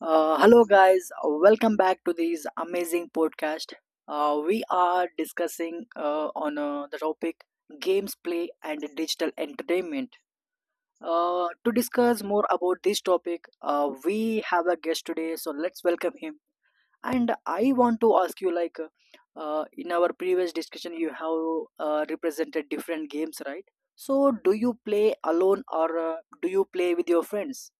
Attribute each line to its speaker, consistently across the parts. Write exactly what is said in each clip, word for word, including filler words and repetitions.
Speaker 1: Uh, hello, guys. Welcome back to this amazing podcast. Uh, we are discussing uh, on uh, the topic games play and digital entertainment. Uh, to discuss more about this topic, uh, we have a guest today, so let's welcome him. And I want to ask you, like, uh, in our previous discussion, you have uh, represented different games, right? So, do you play alone or uh, do you play with your friends?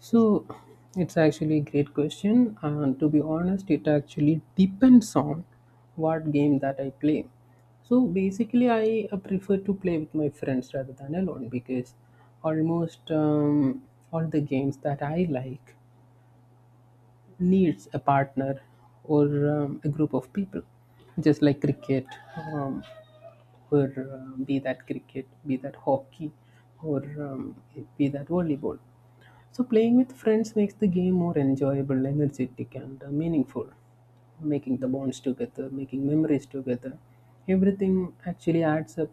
Speaker 2: So it's actually a great question. And to be honest, it actually depends on what game that I play. So basically, I uh, prefer to play with my friends rather than alone because almost um, all the games that I like needs a partner or um, a group of people, just like cricket. Um, or uh, be that cricket, be that hockey, or um, be that volleyball. So, playing with friends makes the game more enjoyable, energetic, and uh, meaningful. Making the bonds together, making memories together, everything actually adds up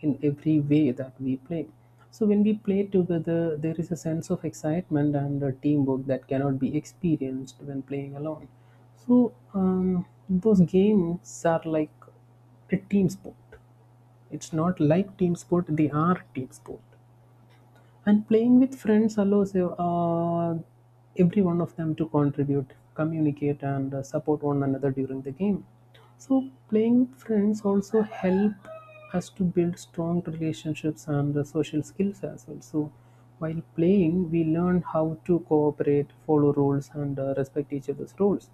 Speaker 2: in every way that we play. So, when we play together, there is a sense of excitement and a teamwork that cannot be experienced when playing alone. So, um, those games are like a team sport, it's not like team sport, they are team sport. And playing with friends allows uh, every one of them to contribute, communicate, and uh, support one another during the game. So, playing with friends also help us to build strong relationships and uh, social skills as well. So, while playing, we learn how to cooperate, follow rules, and uh, respect each other's roles.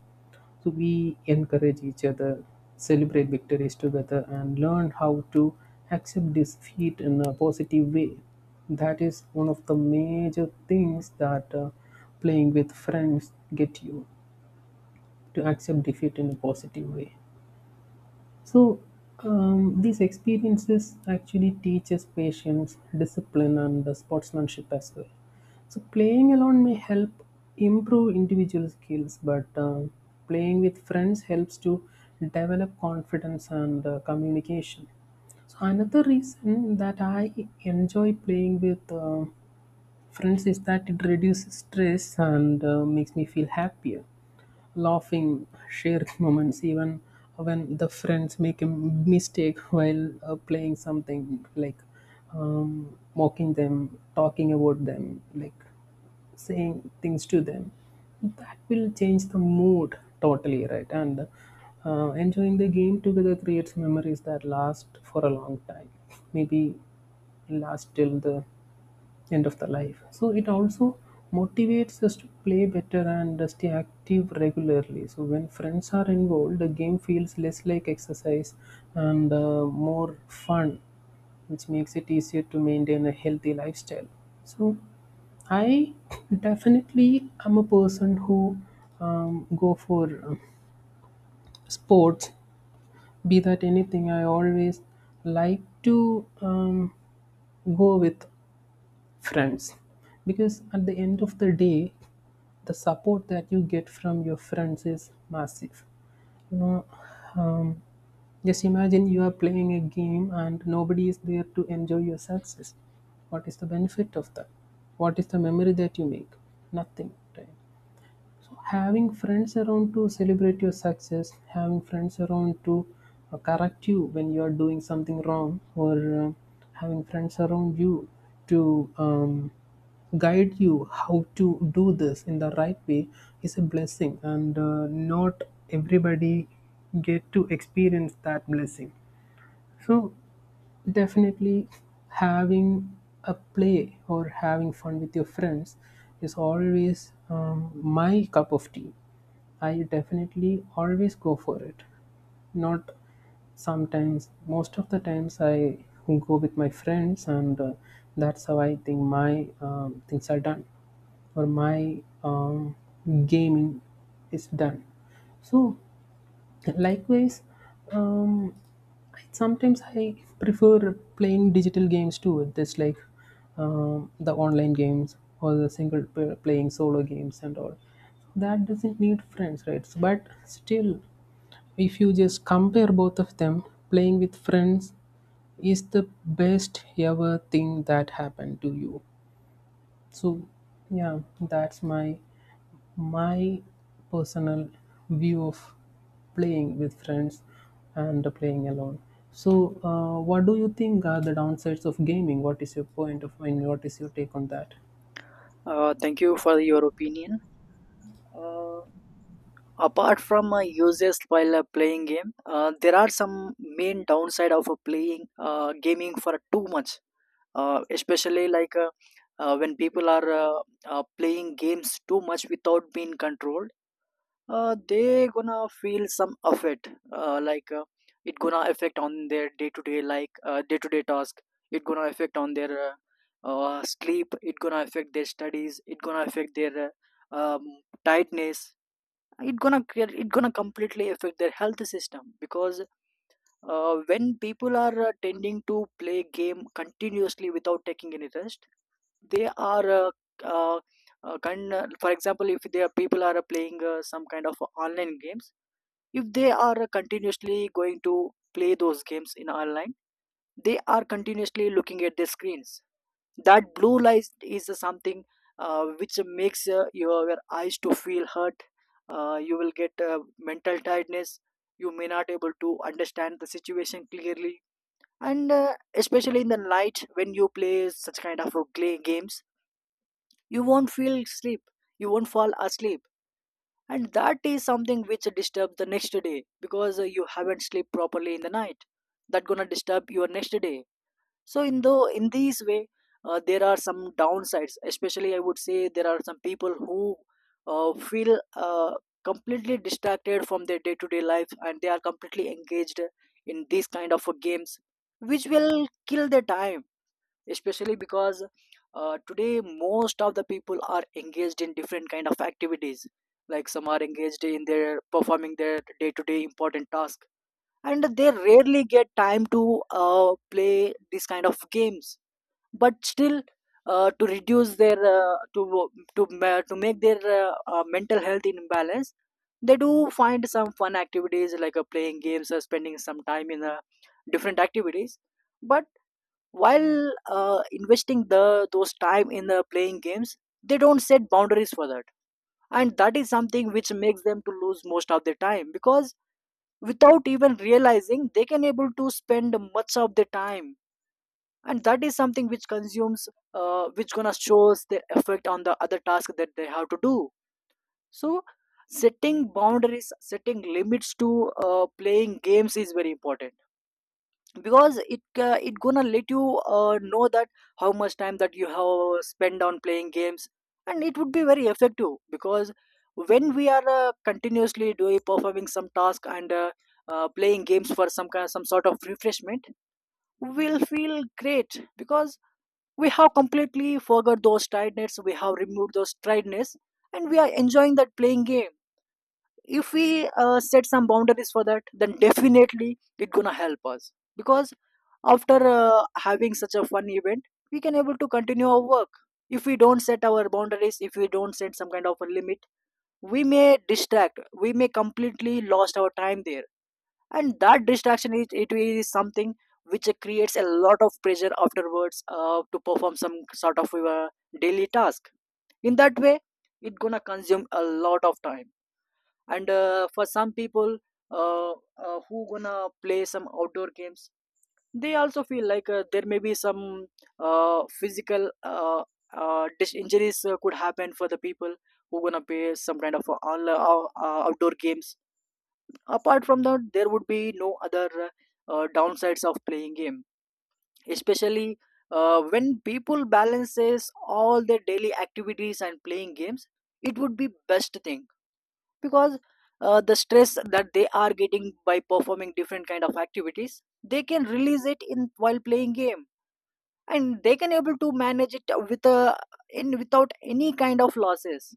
Speaker 2: So we encourage each other, celebrate victories together, and learn how to accept defeat in a positive way. That is one of the major things that uh, playing with friends get you to accept defeat in a positive way. So, um, these experiences actually teaches patience, discipline, and the sportsmanship as well. So, playing alone may help improve individual skills, but um playing with friends helps to develop confidence and uh, communication. So, another reason that I enjoy playing with uh, friends is that it reduces stress and uh, makes me feel happier, laughing, shared moments, even when the friends make a mistake while uh, playing something, like um, mocking them, talking about them, like saying things to them that will change the mood totally, right? And uh, enjoying the game together creates memories that last for a long time, maybe last till the end of the life. So it also motivates us to play better and stay active regularly. So when friends are involved, the game feels less like exercise and uh, more fun, which makes it easier to maintain a healthy lifestyle. So I definitely am a person who um, go for uh, sports, be that anything. I always like to um, go with friends because at the end of the day the support that you get from your friends is massive you know um, just imagine you are playing a game and nobody is there to enjoy your success. What is the benefit of that? What is the memory that you make? Nothing, right? So having friends around to celebrate your success, having friends around to uh, correct you when you are doing something wrong, or uh, having friends around you to um, guide you how to do this in the right way is a blessing, and uh, not everybody get to experience that blessing. So definitely having a play or having fun with your friends is always um, my cup of tea. I definitely always go for it. Not sometimes, most of the times I go with my friends, and uh, that's how I think my um, things are done or my um, gaming is done. So likewise, um, I- sometimes I prefer playing digital games too, just like um, the online games or the single p- playing solo games and all that doesn't need friends, right? So, but still, if you just compare both of them, playing with friends is the best ever thing that happened to you. So yeah, that's my my personal view of playing with friends and playing alone. So, uh, what do you think are the downsides of gaming? What is your point of view? What is your take on that?
Speaker 1: Uh, thank you for your opinion. Uh, Apart from uh, uses while uh, playing game, uh, there are some main downside of uh, playing uh, gaming for too much, uh, especially like, uh, uh, when people are, uh, uh, playing games too much without being controlled, uh, they gonna feel some effect, uh, like, uh, it gonna affect on their day to day, like, uh, day to day task. It gonna affect on their uh, uh, sleep. It gonna affect their studies. It gonna affect their uh, um, tightness. It gonna cre- it gonna completely affect their health system, because uh, when people are uh, tending to play game continuously without taking any rest, they are uh, uh, uh, kind uh, for example, if their people are uh, playing uh, some kind of online games, if they are uh, continuously going to play those games in online, they are continuously looking at their screens. That blue light is something uh, which makes uh, your, your eyes to feel hurt. Uh, you will get uh, mental tiredness. You may not able to understand the situation clearly. And uh, especially in the night, when you play such kind of uh, gla- games, you won't feel sleep, you won't fall asleep. And that is something which disturbs the next day, because uh, you haven't slept properly in the night. That gonna disturb your next day. So, in though in these way, uh, there are some downsides. Especially, I would say, there are some people who uh, feel uh, completely distracted from their day to day life, and they are completely engaged in these kind of uh, games, which will kill their time. Especially because uh, today most of the people are engaged in different kind of activities. Like, some are engaged in their performing their day to day important tasks, and they rarely get time to uh, play these kind of games. But still, uh, to reduce their uh, to to ma- to make their uh, uh, mental health in imbalance, they do find some fun activities, like uh, playing games or spending some time in uh, different activities. But while uh, investing the those time in uh, playing games, they don't set boundaries for that. And that is something which makes them to lose most of their time, because without even realizing, they can able to spend much of their time. And that is something which consumes, uh, which gonna shows the effect on the other task that they have to do. So, setting boundaries, setting limits to uh, playing games is very important, because it uh, it gonna let you uh, know that how much time that you have spent on playing games. And it would be very effective, because when we are uh, continuously doing performing some task, and uh, uh, playing games for some kind, some sort of refreshment, we'll feel great, because we have completely forgot those tiredness, we have removed those tiredness, and we are enjoying that playing game. If we uh, set some boundaries for that, then definitely it gonna help us, because after uh, having such a fun event, we can able to continue our work. If we don't set our boundaries, if we don't set some kind of a limit, we may distract, we may completely lost our time there. And that distraction is, it is something which creates a lot of pressure afterwards, uh, to perform some sort of uh, daily task. In that way, it gonna consume a lot of time. And uh, for some people, uh, uh, who gonna play some outdoor games, they also feel like uh, there may be some uh, physical uh, uh, dis- injuries uh, could happen for the people who gonna play some kind of uh, all, uh, uh, outdoor games. Apart from that, there would be no other uh, uh, downsides of playing game. Especially uh, when people balances all their daily activities and playing games, it would be best thing. Because uh, the stress that they are getting by performing different kind of activities, they can release it in while playing game. And they can able to manage it with a, in without any kind of losses.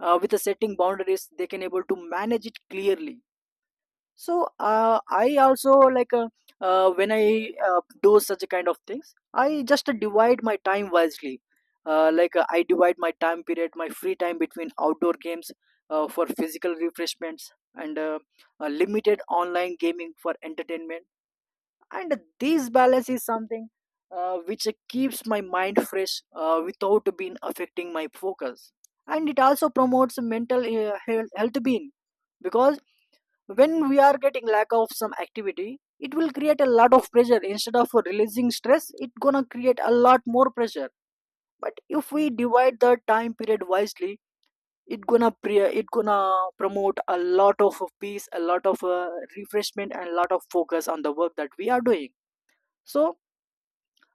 Speaker 1: uh, with a setting boundaries, they can able to manage it clearly. So, uh, I also like, uh, uh, when I uh, do such kind of things, I just divide my time wisely. uh, like uh, I divide my time period, my free time, between outdoor games uh, for physical refreshments, and uh, uh, limited online gaming for entertainment. And this balance is something uh, which keeps my mind fresh uh, without being affecting my focus. And it also promotes mental uh, health health being, because when we are getting lack of some activity, it will create a lot of pressure. Instead of releasing stress, it gonna create a lot more pressure. But if we divide the time period wisely, it gonna pre- it gonna promote a lot of peace, a lot of uh, refreshment, and a lot of focus on the work that we are doing. So,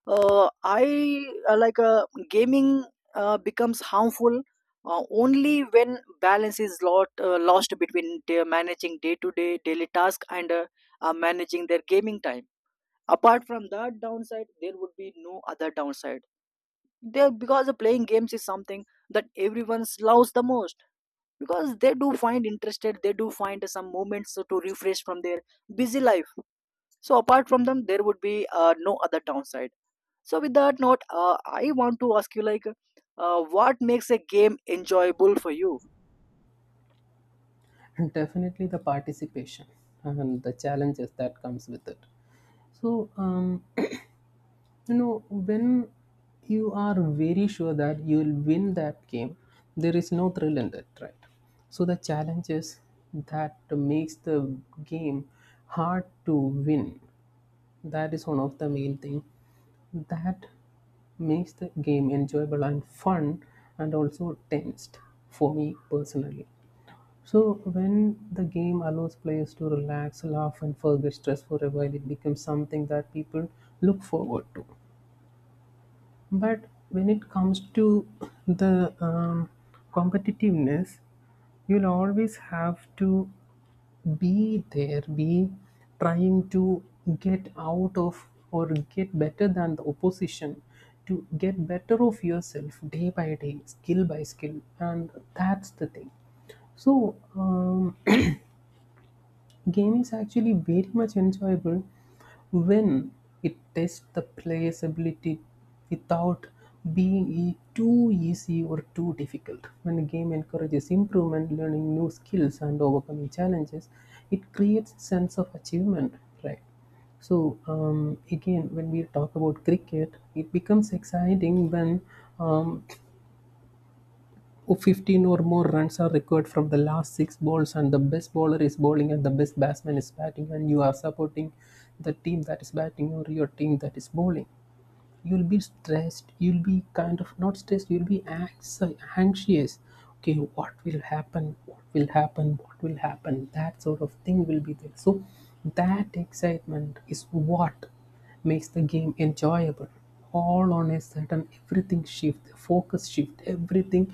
Speaker 1: uh, I uh, like uh, gaming uh, becomes harmful uh, only when balance is lot, uh, lost between day, managing day to day daily task, and uh, uh, managing their gaming time. Apart from that downside, there would be no other downside. There, because playing games is something that everyone loves the most, because they do find interested, they do find some moments to refresh from their busy life. So apart from them, there would be uh, no other downside. So with that note, uh, I want to ask you, like, uh, what makes a game enjoyable for you?
Speaker 2: And definitely the participation and the challenges that comes with it. So, um, you know when you are very sure that you will win that game, there is no thrill in it, right? So the challenge is that makes the game hard to win. That is one of the main thing that makes the game enjoyable and fun, and also tensed, for me personally. So, when the game allows players to relax, laugh, and forget stress for a while, it becomes something that people look forward to. But when it comes to the um, competitiveness, you'll always have to be there, be trying to get out of or get better than the opposition, to get better of yourself day by day, skill by skill. And that's the thing. So, um, game is actually very much enjoyable when it tests the player's ability without being e- too easy or too difficult. When a game encourages improvement, learning new skills, and overcoming challenges, it creates a sense of achievement, right? So um, again, when we talk about cricket, it becomes exciting when um, fifteen or more runs are required from the last six balls, and the best bowler is bowling and the best batsman is batting, and you are supporting the team that is batting or your team that is bowling. You'll be stressed, you'll be kind of not stressed, you'll be anxi- anxious. Okay, what will happen, what will happen, what will happen, that sort of thing will be there. So that excitement is what makes the game enjoyable. All on a sudden, everything shift, focus shift, everything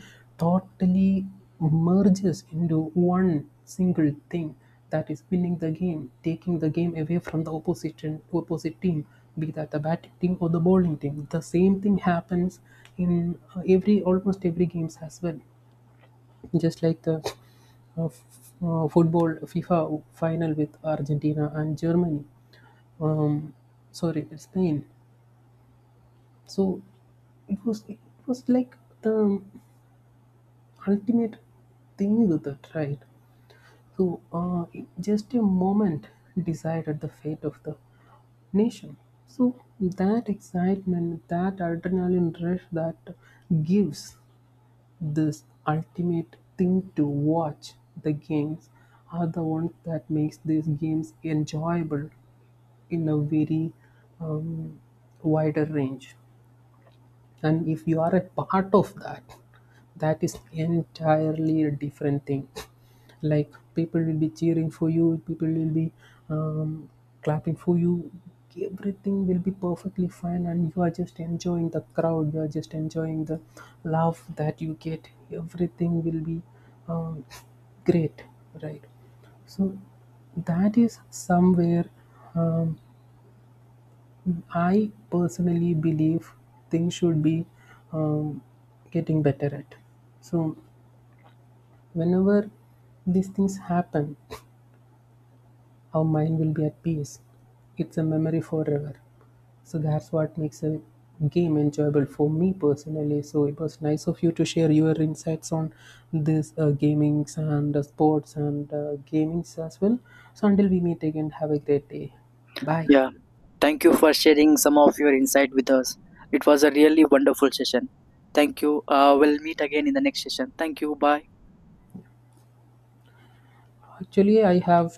Speaker 2: totally merges into one single thing, that is winning the game, taking the game away from the opposite opposite team, be that the batting team or the bowling team, the same thing happens in uh, every, almost every games as well. Just like the uh, f- uh, football FIFA final with Argentina and Germany, um, sorry, Spain. So it was it was like the ultimate thing with it, right? So uh, it- just a moment decided the fate of the nation. So that excitement, that adrenaline rush that gives this ultimate thing to watch the games are the ones that makes these games enjoyable in a very um, wider range. And if you are a part of that, that is entirely a different thing. Like people will be cheering for you, people will be um, clapping for you, everything will be perfectly fine and you are just enjoying the crowd, you are just enjoying the love that you get, everything will be um, great, right? So that is somewhere, um, I personally believe things should be um, getting better at. So, whenever these things happen, our mind will be at peace. It's a memory forever. So, that's what makes a game enjoyable for me personally. So, it was nice of you to share your insights on this uh, gamings and uh, sports and uh, gamings as well. So, until we meet again, have a great day. Bye.
Speaker 1: Yeah, thank you for sharing some of your insight with us. It was a really wonderful session. Thank you. Uh, we'll meet again in the next session. Thank you. Bye.
Speaker 2: Actually, I have